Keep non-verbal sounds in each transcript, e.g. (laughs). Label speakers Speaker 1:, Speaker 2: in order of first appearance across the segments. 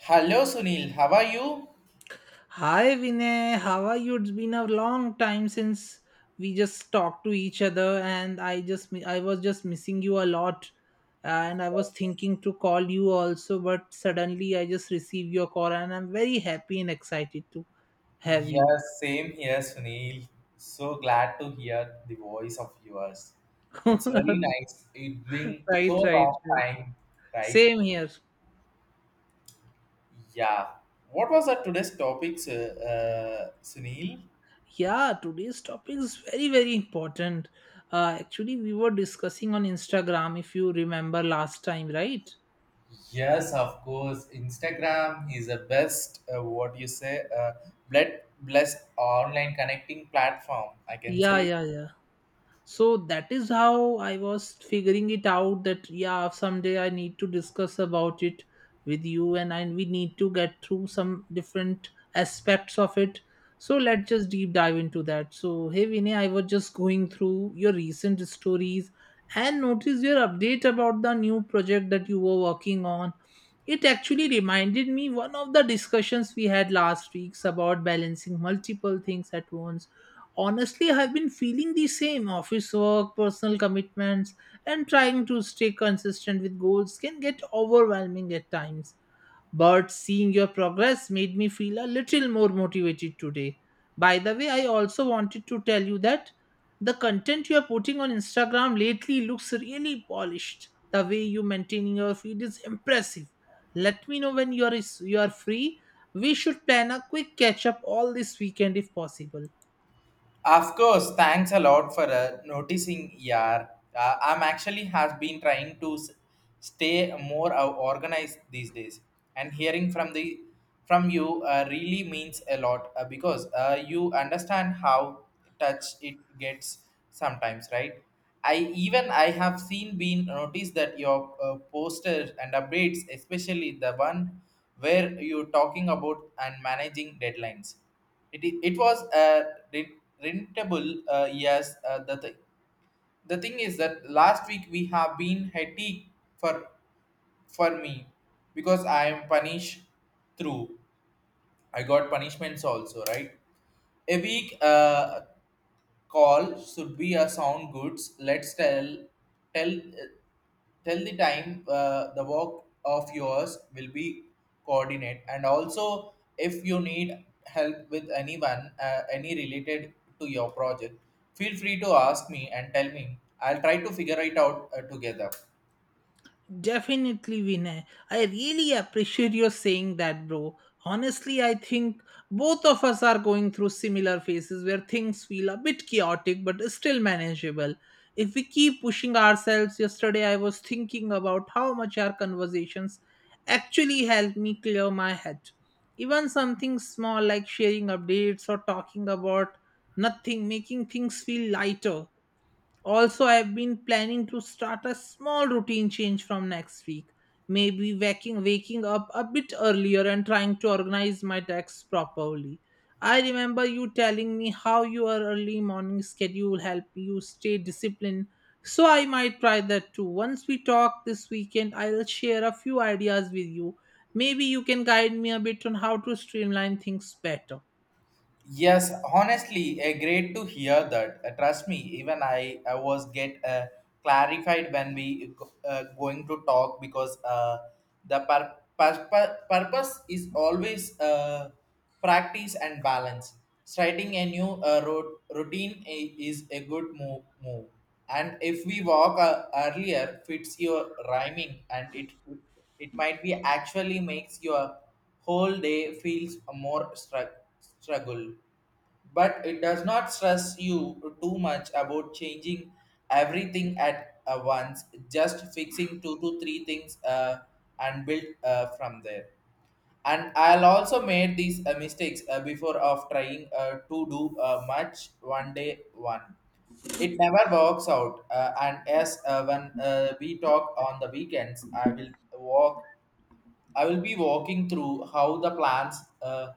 Speaker 1: Hello Sunil, how are you?
Speaker 2: Hi Vinay, how are you? It's been a long time since we just talked to each other, and I just I was just missing you a lot, and I was thinking to call you also, but suddenly I just received your call, and I'm very happy and excited to have you.
Speaker 1: Yes, same here, Sunil. So glad to hear the voice of yours.
Speaker 2: (laughs)
Speaker 1: It's
Speaker 2: Right,
Speaker 1: very nice. It's been so
Speaker 2: right, right.
Speaker 1: long time, right?
Speaker 2: Same here.
Speaker 1: Yeah. What was our today's topic, Sunil?
Speaker 2: Yeah, today's topic is very very important. Actually, we were discussing on Instagram if you remember last time, right?
Speaker 1: Yes, of course. Instagram is the best, what you say, blessed online connecting platform, I can
Speaker 2: Yeah,
Speaker 1: say.
Speaker 2: yeah, yeah. So that is how I was figuring it out that yeah, someday I need to discuss about it with you and I, we need to get through some different aspects of it. So let's just deep dive into that. So hey Vinay, I was just going through your recent stories and notice your update about the new project that you were working on. It actually reminded me one of the discussions we had last weeks about balancing multiple things at once. Honestly, I've been feeling the same. Office work, personal commitments, and trying to stay consistent with goals can get overwhelming at times. But seeing your progress made me feel a little more motivated today. By the way, I also wanted to tell you that the content you are putting on Instagram lately looks really polished. The way you maintaining your feed is impressive. Let me know when you are free. We should plan a quick catch up all this weekend if possible.
Speaker 1: Of course, thanks a lot for noticing, yeah. I'm actually has been trying to stay more organized these days, and hearing from you really means a lot because you understand how touch it gets sometimes, right? I even I have seen been noticed that your posters and updates, especially the one where you're talking about and managing deadlines. It it was rent- rentable, yes. The thing, the thing is that last week we have been hectic for me, because I am punished through. I got punishments also, right? A week, call should be a sound goods. Let's tell tell the time. The work of yours will be coordinate, and also if you need help with anyone, any related to your project, feel free to ask me and tell me. I'll try to figure it out together.
Speaker 2: Definitely, Vinay. I really appreciate your saying that, bro. Honestly, I think both of us are going through similar phases where things feel a bit chaotic but still manageable. If we keep pushing ourselves, yesterday I was thinking about how much our conversations actually helped me clear my head. Even something small like sharing updates or talking about nothing, making things feel lighter. Also, I've been planning to start a small routine change from next week. Maybe waking up a bit earlier and trying to organize my decks properly. I remember you telling me how your early morning schedule helped you stay disciplined. So I might try that too. Once we talk this weekend, I'll share a few ideas with you. Maybe you can guide me a bit on how to streamline things better.
Speaker 1: Yes, honestly, great to hear that. Trust me, even I was get clarified when we going to talk, because the purpose is always practice and balance. Starting a new routine is a good move. And if we walk earlier, fits your rhyming, and it might be actually makes your whole day feels more struck struggle, but it does not stress you too much about changing everything at once, just fixing two to three things, and build from there. And I'll also made these mistakes before of trying to do much one day one. It never works out. And as when we talk on the weekends, I will walk I will be walking through how the plans uh,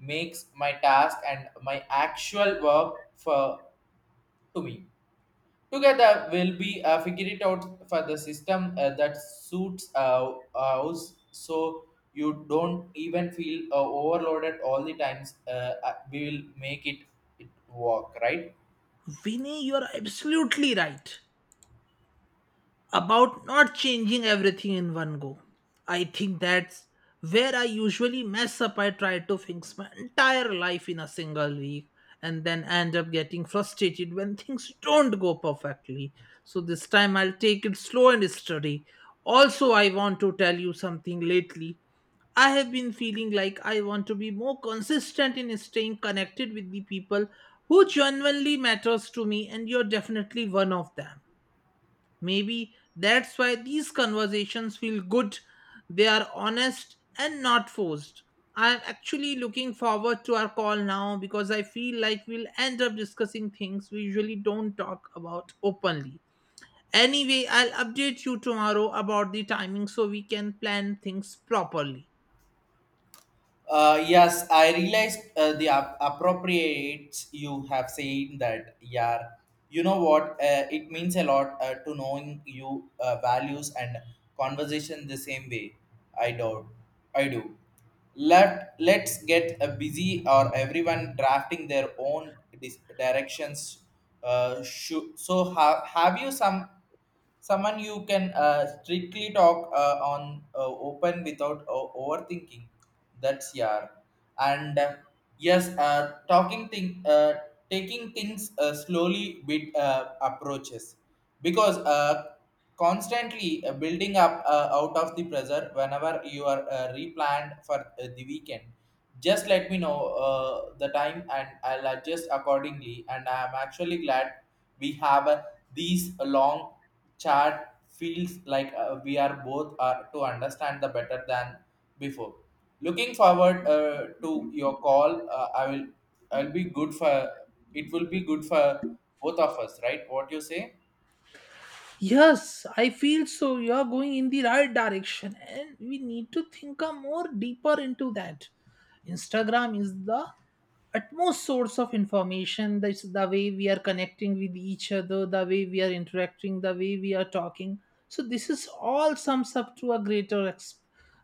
Speaker 1: makes my task and my actual work for to me. Together, we'll be figure it out for the system that suits us, so you don't even feel overloaded all the times. We will make it work, right?
Speaker 2: Vinny, you're absolutely right about not changing everything in one go. I think that's where I usually mess up. I try to fix my entire life in a single week and then end up getting frustrated when things don't go perfectly. So this time I'll take it slow and steady. Also, I want to tell you something lately. I have been feeling like I want to be more consistent in staying connected with the people who genuinely matters to me, and you're definitely one of them. Maybe that's why these conversations feel good. They are honest and not forced. I'm actually looking forward to our call now because I feel like we'll end up discussing things we usually don't talk about openly. Anyway, I'll update you tomorrow about the timing so we can plan things properly.
Speaker 1: Yes, I realized the appropriates you have said that, yeah. You know what? It means a lot to knowing you values and conversation the same way. I do. I do. Let's get busy or everyone drafting their own directions. So have you someone you can strictly talk on open without overthinking, that's yeah. And yes, talking thing taking things slowly with approaches, because constantly building up out of the pressure. Whenever you are replanned for the weekend, just let me know the time, and I'll adjust accordingly. And I'm actually glad we have these long chat. Feels like we are both are to understand the better than before. Looking forward to your call. I will. I'll be good for. It will be good for both of us, right? What you say?
Speaker 2: Yes, I feel so. You are going in the right direction, and we need to think a more deeper into that. Instagram is the utmost source of information. That's the way we are connecting with each other, the way we are interacting, the way we are talking. So this is all sums up to a greater ex-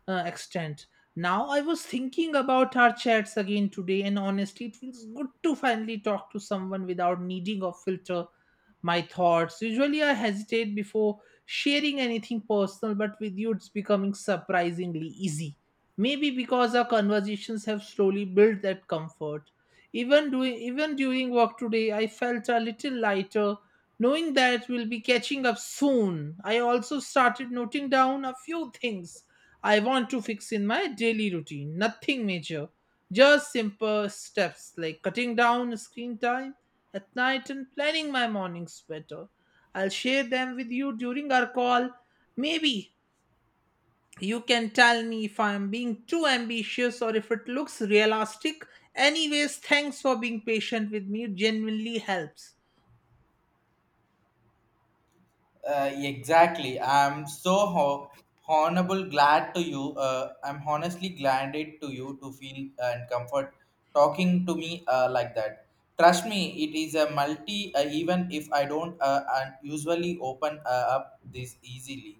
Speaker 2: uh, extent. Now I was thinking about our chats again today, and honestly it feels good to finally talk to someone without needing a filter. My thoughts usually I hesitate before sharing anything personal, but with you it's becoming surprisingly easy. Maybe because our conversations have slowly built that comfort. Even doing even during work today, I felt a little lighter, knowing that we'll be catching up soon. I also started noting down a few things I want to fix in my daily routine. Nothing major, just simple steps like cutting down screen time at night and planning my mornings better. I'll share them with you during our call. Maybe you can tell me if I am being too ambitious or if it looks realistic. Anyways, thanks for being patient with me. It genuinely helps.
Speaker 1: Exactly. I'm so honorable, glad to you. I'm honestly glad it to you to feel and comfort talking to me like that. Trust me, it is a multi. Even if I don't usually open up this easily,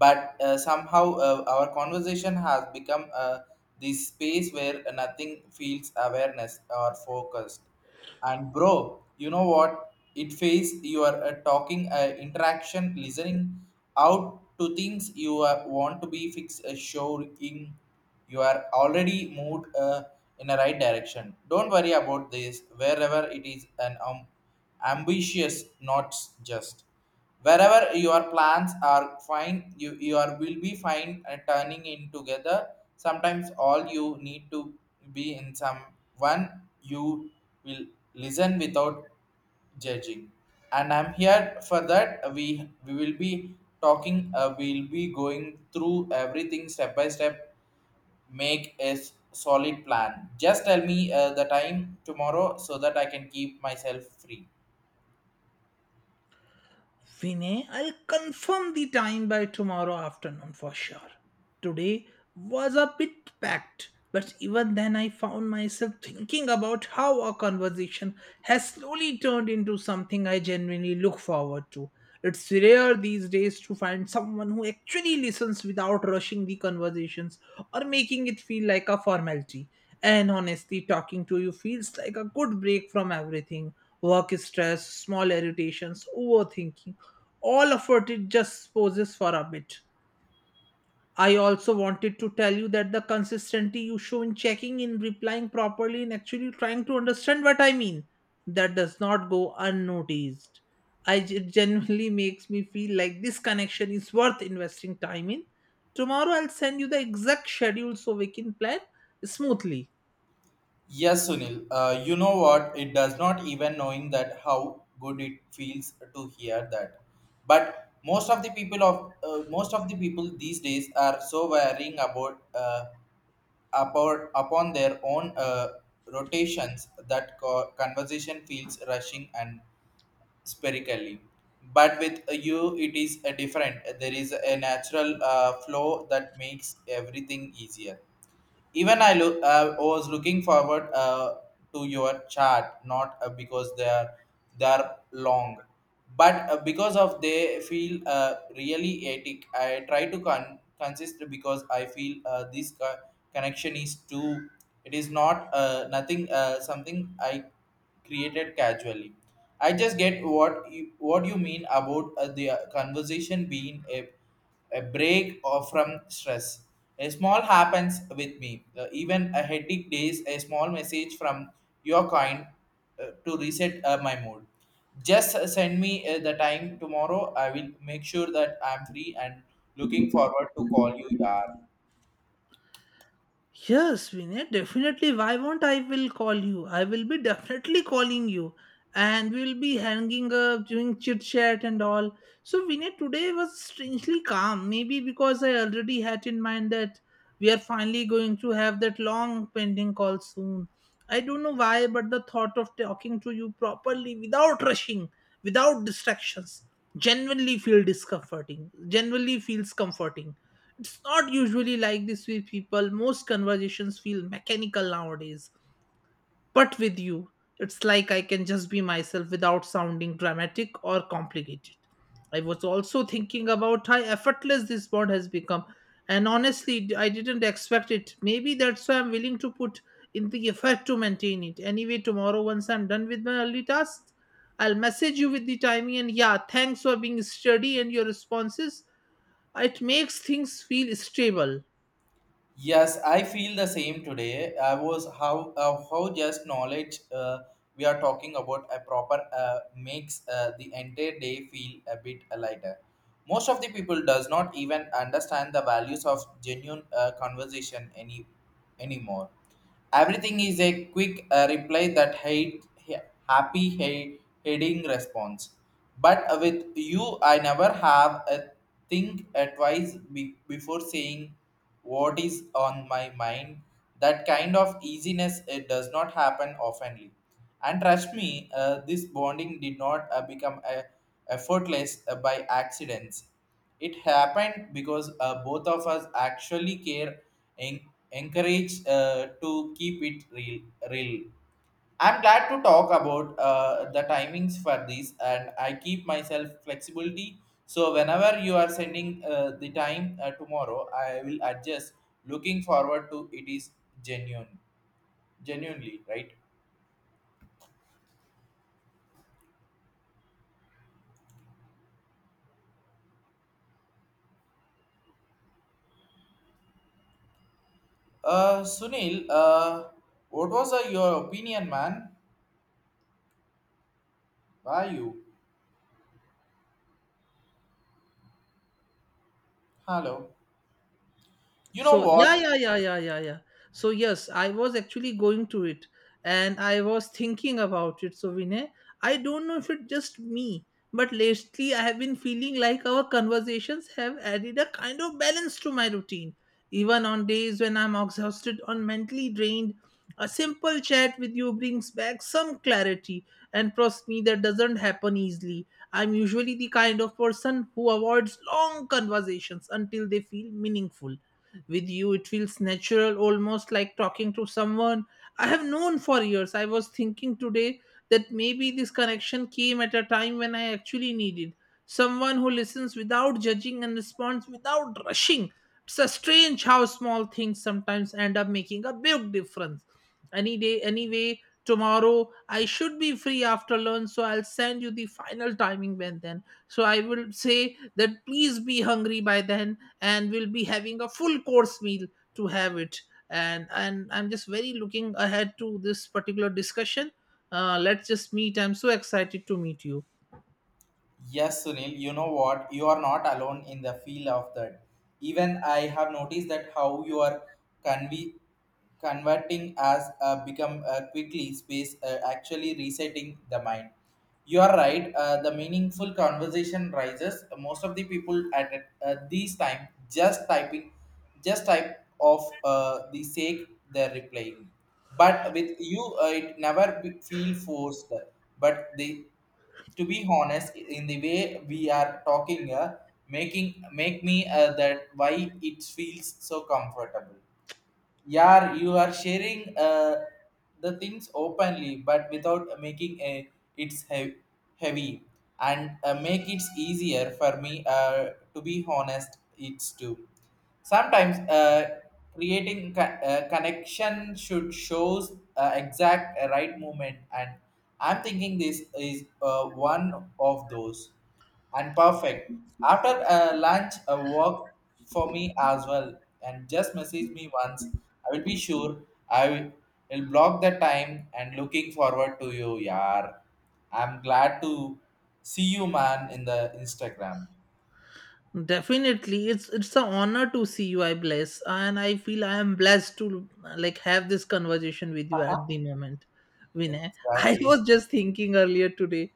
Speaker 1: but somehow our conversation has become the space where nothing feels awareness or focused. And bro, you know what? It feels you are talking, interaction listening out to things you want to be fixed, showing you are already moved in a right direction. Don't worry about this, wherever it is an ambitious, not just wherever your plans are fine. You your will be fine and turning in together. Sometimes all you need to be in someone, you will listen without judging, and I'm here for that. We will be talking, we'll be going through everything step by step. Make a solid plan. Just tell me the time tomorrow, so that I can keep myself free.
Speaker 2: Vinay, I'll confirm the time by tomorrow afternoon for sure. Today was a bit packed, but even then I found myself thinking about how our conversation has slowly turned into something I genuinely look forward to. It's rare these days to find someone who actually listens without rushing the conversations or making it feel like a formality. And honestly, talking to you feels like a good break from everything: work stress, small irritations, overthinking, all effort it just poses for a bit. I also wanted to tell you that the consistency you show in checking in, replying properly, and actually trying to understand what I mean, that does not go unnoticed. It genuinely makes me feel like this connection is worth investing time in. Tomorrow I'll send you the exact schedule so we can plan smoothly.
Speaker 1: Yes, Sunil. You know what? It does not even knowing that how good it feels to hear that. But most of the people these days are so worrying about, about upon their own rotations, that conversation feels rushing and spherically. But with you, it is different. There is a natural flow that makes everything easier. Even I look was looking forward to your chart, not because they are long, but because of they feel really etic. I try to consist because I feel this connection is too. It is not nothing, something I created casually. I just get what you mean about the conversation being a break or from stress. A small happens with me. Even a headache days, a small message from your kind to reset my mood. Just send me the time tomorrow. I will make sure that I'm free and looking forward to call you, yaar.
Speaker 2: Yes, Vinay, definitely. Why won't I will call you? I will be (laughs) definitely calling you. And we will be hanging up, doing chit chat and all. So Vinay, today was strangely calm. Maybe because I already had in mind that we are finally going to have that long pending call soon. I don't know why, but the thought of talking to you properly without rushing, without distractions, genuinely feel discomforting. Genuinely feels comforting. It's not usually like this with people. Most conversations feel mechanical nowadays. But with you, it's like I can just be myself without sounding dramatic or complicated. I was also thinking about how effortless this bond has become. And honestly, I didn't expect it. Maybe that's why I'm willing to put in the effort to maintain it. Anyway, tomorrow, once I'm done with my early tasks, I'll message you with the timing. And yeah, thanks for being steady and your responses. It makes things feel stable.
Speaker 1: Yes, I feel the same today. I was how, how just knowledge, we are talking about a proper makes the entire day feel a bit lighter. Most of the people does not even understand the values of genuine conversation anymore. Everything is a quick reply that hate, happy hate, heading response. But with you, I never have a think twice before saying what is on my mind. That kind of easiness, it does not happen oftenly. And trust me, this bonding did not become effortless by accidents. It happened because both of us actually care and encourage to keep it real. I'm glad to talk about the timings for this, and I keep myself flexibility. So whenever you are sending the time tomorrow, I will adjust. Looking forward to it is genuine genuinely right. Sunil, what was your opinion, man? Why you? Hello? You
Speaker 2: So
Speaker 1: know
Speaker 2: yeah,
Speaker 1: what?
Speaker 2: yeah, yeah, yeah, yeah, yeah. So yes, I was actually going to it, and I was thinking about it. So Vinay, I don't know if it's just me, but lately I have been feeling like our conversations have added a kind of balance to my routine. Even on days when I'm exhausted or mentally drained, a simple chat with you brings back some clarity. And trust me, that doesn't happen easily. I'm usually the kind of person who avoids long conversations until they feel meaningful. With you, it feels natural, almost like talking to someone I have known for years. I was thinking today that maybe this connection came at a time when I actually needed someone who listens without judging and responds without rushing. It's a strange how small things sometimes end up making a big difference. Anyway, tomorrow I should be free after lunch, so I'll send you the final timing when then. So I will say that please be hungry by then, and we'll be having a full course meal to have it. And I'm just very looking ahead to this particular discussion. Let's just meet. I'm so excited to meet you.
Speaker 1: Yes, Sunil, you know what? You are not alone in the field of that. Even I have noticed that how you are conve- converting as, become quickly space, actually resetting the mind. You are right. The meaningful conversation rises. Most of the people at these time just typing, just type of the sake they're replying. But with you, it never feel forced. But they, to be honest, in the way we are talking, making make me that why it feels so comfortable. Yeah, you are sharing uh, the things openly, but without making a it's heavy. And make it easier for me to be honest, it's too. Sometimes creating connection should shows exact right movement. And I'm thinking this is one of those, and perfect. After lunch a walk for me as well, and just message me once. I will be sure. I will block the time, and looking forward to you, yar. I'm glad to see you, man, in the Instagram.
Speaker 2: Definitely, it's an honor to see you. I bless and I feel I am blessed to like have this conversation with you at the
Speaker 1: (laughs)
Speaker 2: moment. Vinay, I
Speaker 1: Exactly.
Speaker 2: was just thinking earlier today.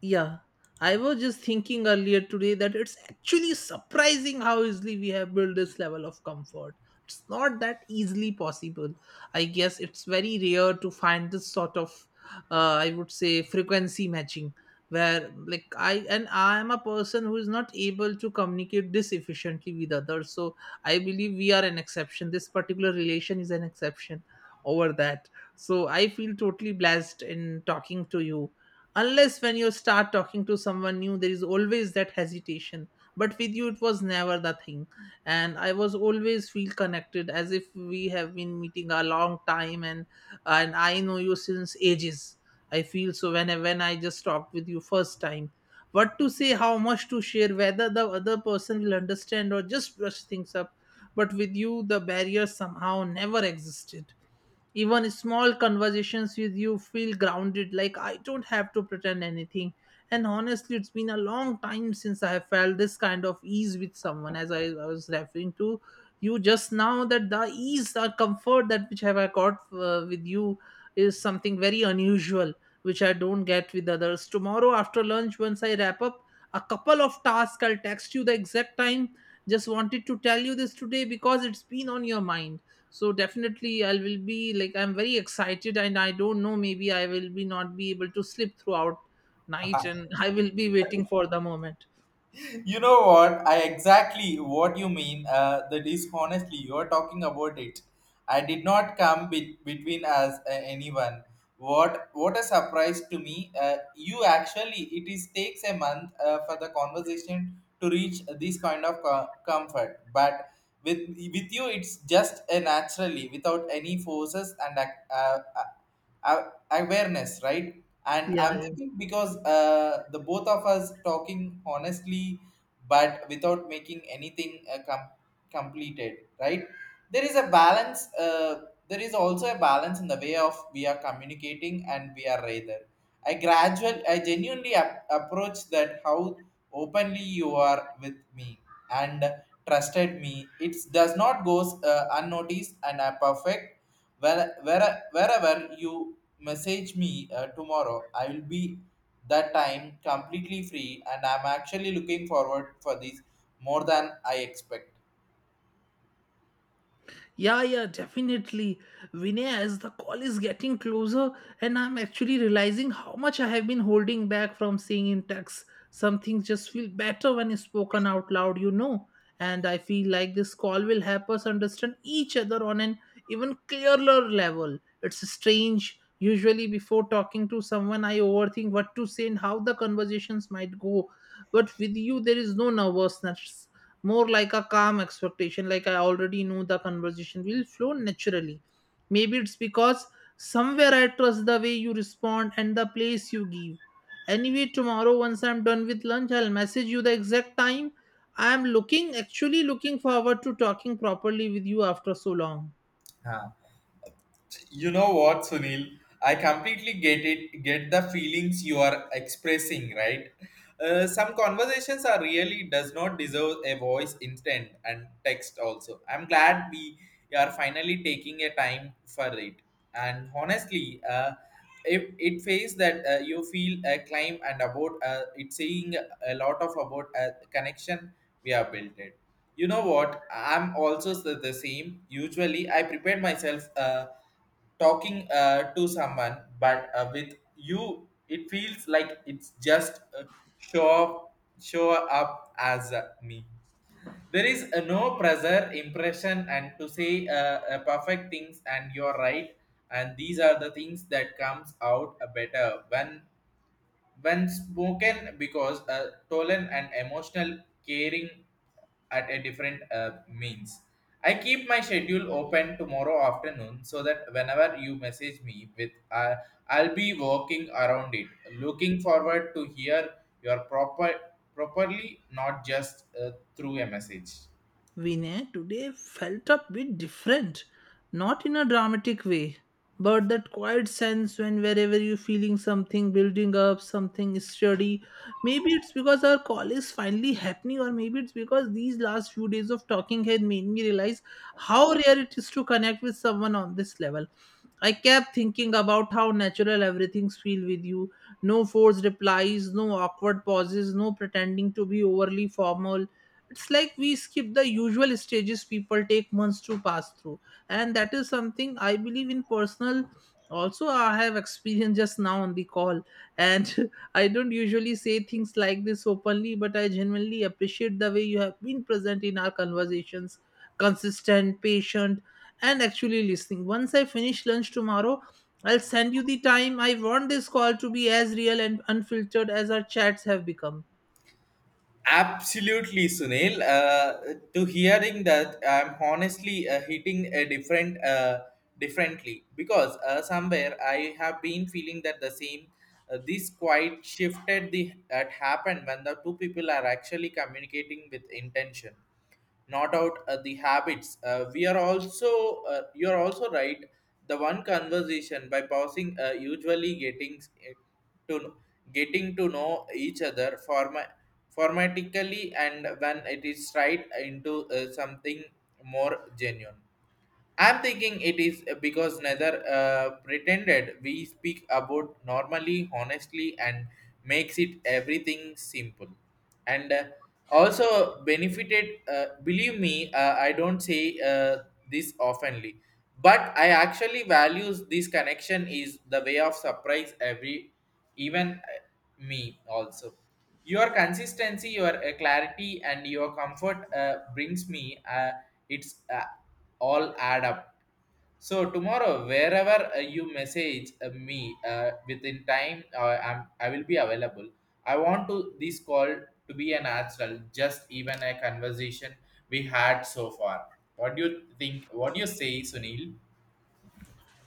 Speaker 2: Yeah, I was just thinking earlier today that it's actually surprising how easily we have built this level of comfort. It's not that easily possible. I guess it's very rare to find this sort of, I would say, frequency matching, where like I am a person who is not able to communicate this efficiently with others. So I believe we are an exception. This particular relation is an exception over that. So I feel totally blessed in talking to you. Unless when you start talking to someone new, there is always that hesitation. But with you, it was never the thing. And I was always feel connected as if we have been meeting a long time, and I know you since ages. I feel so when when I just talked with you first time. What to say, how much to share, whether the other person will understand or just brush things up. But with you, the barrier somehow never existed. Even small conversations with you feel grounded, like I don't have to pretend anything. And honestly, it's been a long time since I have felt this kind of ease with someone. As I was referring to you just now, that the ease, the comfort that which have I got with you is something very unusual, which I don't get with others. Tomorrow after lunch, once I wrap up a couple of tasks, I'll text you the exact time. Just wanted to tell you this today because it's been on your mind. So definitely I will be, like, I'm very excited, and I don't know, maybe I will be not be able to sleep throughout night,
Speaker 1: (laughs)
Speaker 2: and (laughs) I will be waiting for the moment.
Speaker 1: You know what? I exactly what you mean, that is honestly you're talking about it. I did not come between us anyone. What a surprise to me, you actually it is takes a month for the conversation to reach this kind of comfort. But with with you, it's just a naturally without any forces and a- awareness, right. And I'm
Speaker 2: Yeah.
Speaker 1: thinking, because the both of us talking honestly, but without making anything completed, right. There is a balance, there is also a balance in the way of we are communicating, and we are rather. I genuinely approach that how openly you are with me, and trusted me it does not goes unnoticed. And I perfect. Wherever you message me tomorrow, I will be that time completely free, and I'm actually looking forward for this more than I expect.
Speaker 2: Yeah, yeah, definitely. Vinay, as the call is getting closer, and I'm actually realizing how much I have been holding back from saying in text. Some things just feel better when it's spoken out loud. And I feel like this call will help us understand each other on an even clearer level. It's strange. Usually, before talking to someone, I overthink what to say and how the conversations might go. But with you, there is no nervousness, more like a calm expectation, like I already know the conversation will flow naturally. Maybe it's because somewhere I trust the way you respond and the place you give. Anyway, tomorrow once I'm done with lunch, I'll message you the exact time. I'm looking actually looking forward to talking properly with you after so long.
Speaker 1: You know what, Sunil? I completely get the feelings you are expressing, right? Some conversations are really does not deserve a voice instant and text also. I'm glad we are finally taking a time for it. And honestly, if it feels that you feel a climb and about it's saying a lot of about a connection we have built it. You know what? I'm also the same. Usually, I prepare myself. Talking to someone, but with you, it feels like it's just show up, show up as me. There is no pressure, impression, and to say perfect things, and you're right. And these are the things that comes out better when spoken because tolerant and emotional caring at a different means. I keep my schedule open tomorrow afternoon so that whenever you message me with, I'll be working around it, looking forward to hear your properly, not just through a message.
Speaker 2: Vinay, today felt a bit different, not in a dramatic way, but that quiet sense when wherever you're feeling something building up, something sturdy. Maybe it's because our call is finally happening, or maybe it's because these last few days of talking had made me realize how rare it is to connect with someone on this level. I kept thinking about how natural everything feels with you. No forced replies, no awkward pauses, no pretending to be overly formal. It's like we skip the usual stages people take months to pass through. And that is something I believe in personal. Also, I have experienced just now on the call. And (laughs) I don't usually say things like this openly, but I genuinely appreciate the way you have been present in our conversations, consistent, patient, and actually listening. Once I finish lunch tomorrow, I'll send you the time. I want this call to be as real and unfiltered as our chats have become.
Speaker 1: Absolutely, Sunil. To hearing that, I'm honestly hitting a differently because somewhere I have been feeling that the same. This quite shifted the that happened when the two people are actually communicating with intention, not out the habits. We are also, you are also right. The one conversation by pausing usually getting to getting to know each other formatically, and when it is right into something more genuine. I'm thinking it is because neither pretended we speak about normally, honestly, and makes it everything simple. And also benefited, believe me, I don't say this oftenly, but I actually values this connection is the way of surprise every, even me also. Your consistency, your clarity, and your comfort brings me. It's all add up. So tomorrow, wherever you message me within time, I will be available. I want to this call to be a natural, just even a conversation we had so far. What do you think? What do you say, Sunil?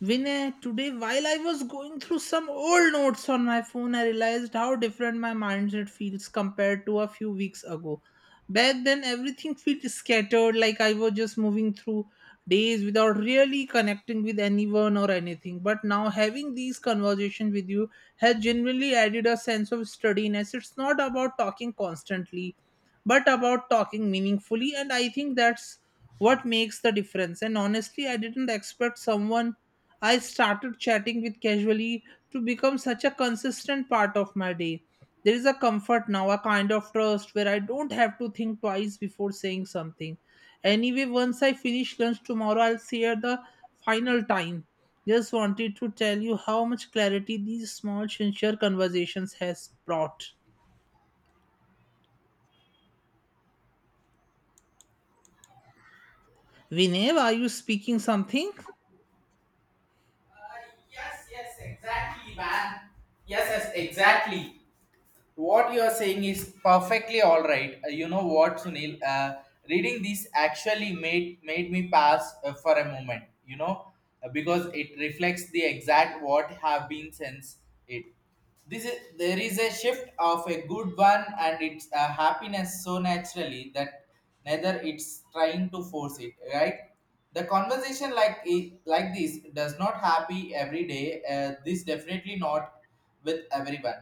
Speaker 2: Vinay, today while I was going through some old notes on my phone, I realized how different my mindset feels compared to a few weeks ago. Back then, everything felt scattered, like I was just moving through days without really connecting with anyone or anything. But now, having these conversations with you has genuinely added a sense of steadiness. It's not about talking constantly, but about talking meaningfully, and I think that's what makes the difference. And honestly, I didn't expect someone I started chatting with casually to become such a consistent part of my day. There is a comfort now, a kind of trust where I don't have to think twice before saying something. Anyway, once I finish lunch tomorrow, I'll share the final time. Just wanted to tell you how much clarity these small sincere conversations has brought. Vinev, are you speaking something?
Speaker 1: Uh, yes, yes, exactly, man. Yes, yes, exactly. What you are saying is perfectly all right. You know what, Sunil? Reading this actually made me pass for a moment. You know, because it reflects the exact what have been since it. This is there is a shift of a good one, and it's a happiness so naturally that neither it's trying to force it. Right? The conversation like it, like this does not happy every day. This definitely not with everyone.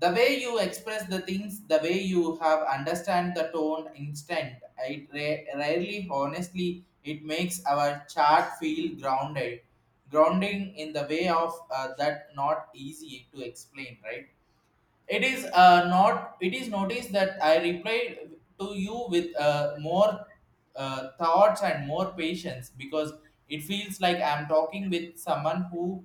Speaker 1: The way you express the things, the way you have understand the tone instant it rarely, honestly, it makes our chart feel grounded grounding in the way of that not easy to explain, right? It is not. It is noticed that I replied to you with more thoughts and more patience because it feels like I'm talking with someone who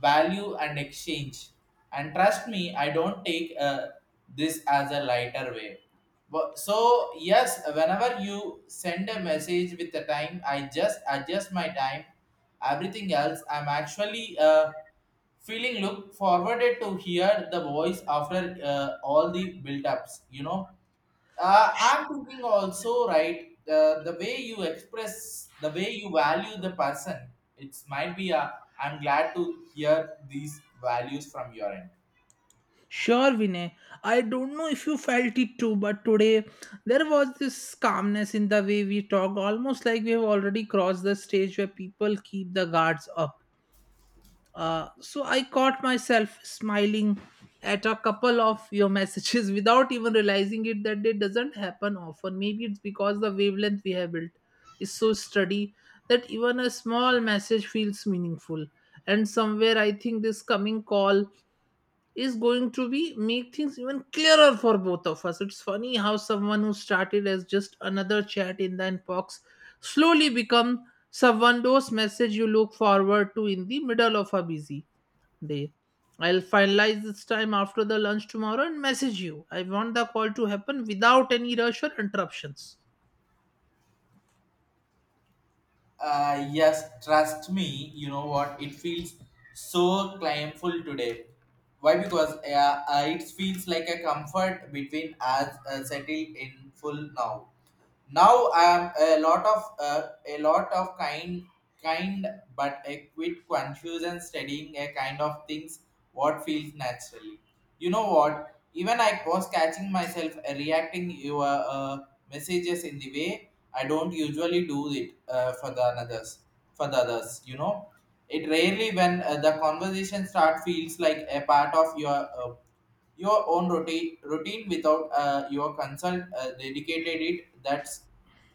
Speaker 1: value and exchange. And trust me, I don't take this as a lighter way. But, so yes, whenever you send a message with the time, I just adjust my time. Everything else, I'm actually. Feeling look forwarded to hear the voice after all the build-ups, you know. I'm thinking also right, the way you express, the way you value the person, it might be a, I'm glad to hear these values from your end.
Speaker 2: Sure, Vinay. I don't know if you felt it too, but today there was this calmness in the way we talk, almost like we have already crossed the stage where people keep the guards up. So I caught myself smiling at a couple of your messages (laughs) without even realizing it, that it doesn't happen often. Maybe it's because the wavelength we have built is so steady that even a small message feels meaningful. And somewhere I think this coming call is going to be make things even clearer for both of us. It's funny how someone who started as just another chat in the inbox slowly become someone those message you look forward to in the middle of a busy day. I'll finalize this time after the lunch tomorrow and message you. I want the call to happen without any rush or interruptions.
Speaker 1: Yes, trust me, you know what it feels so claimful today. Why? Because it feels like a comfort between us settled in full now. Now I'm a lot of kind, but a quit confusion studying a kind of things, what feels naturally. You know what? Even I was catching myself reacting your messages in the way I don't usually do it for the others. For the others, you know, it rarely when the conversation start feels like a part of your own routine without your consult dedicated it. That's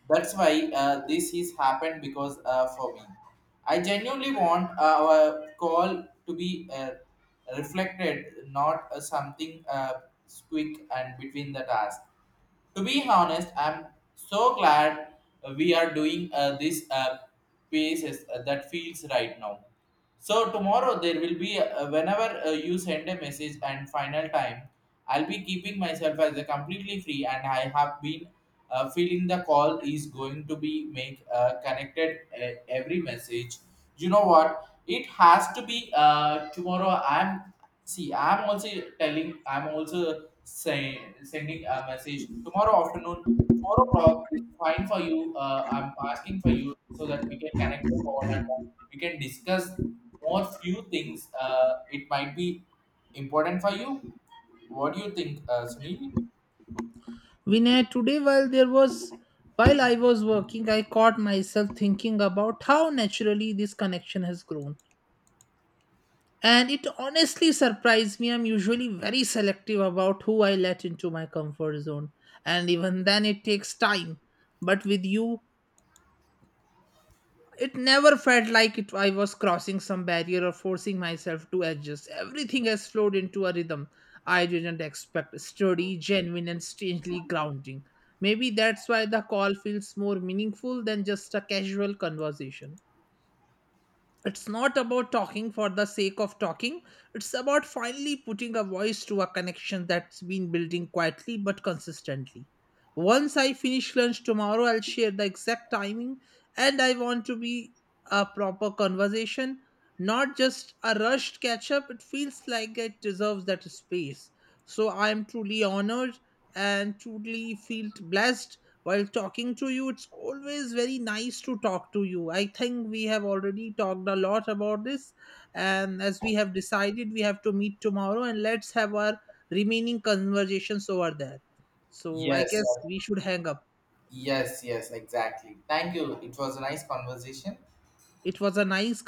Speaker 1: that's why this is happened because for me, I genuinely want our call to be. Reflected, not a something squeak and between the task. To be honest, I'm so glad we are doing this pieces that feels right now. So tomorrow there will be whenever you send a message and final time, I'll be keeping myself as a completely free, and I have been feeling the call is going to be make connected every message. You know what? It has to be tomorrow. I'm, see, I'm also telling, I'm also say, sending a message tomorrow afternoon, 4 o'clock is fine for you. I'm asking for you so that we can connect the call and we can discuss more few things. It might be important for you. What do you think, Sunil?
Speaker 2: Vinay, today while I was working, I caught myself thinking about how naturally this connection has grown. And it honestly surprised me. I'm usually very selective about who I let into my comfort zone. And even then, it takes time. But with you, it never felt like it, I was crossing some barrier or forcing myself to adjust. Everything has flowed into a rhythm I didn't expect, sturdy, genuine, and strangely grounding. Maybe that's why the call feels more meaningful than just a casual conversation. It's not about talking for the sake of talking. It's about finally putting a voice to a connection that's been building quietly but consistently. Once I finish lunch tomorrow, I'll share the exact timing, and I want to be a proper conversation, not just a rushed catch up. It feels like it deserves that space. So I'm truly honored and truly feel blessed while talking to you. It's always very nice to talk to you. I think we have already talked a lot about this, and as we have decided, we have to meet tomorrow, and let's have our remaining conversations over there. So I
Speaker 1: Yes,
Speaker 2: guess
Speaker 1: sir.
Speaker 2: we should hang up.
Speaker 1: Yes, yes, exactly. Thank you. It was a nice conversation.
Speaker 2: It was a nice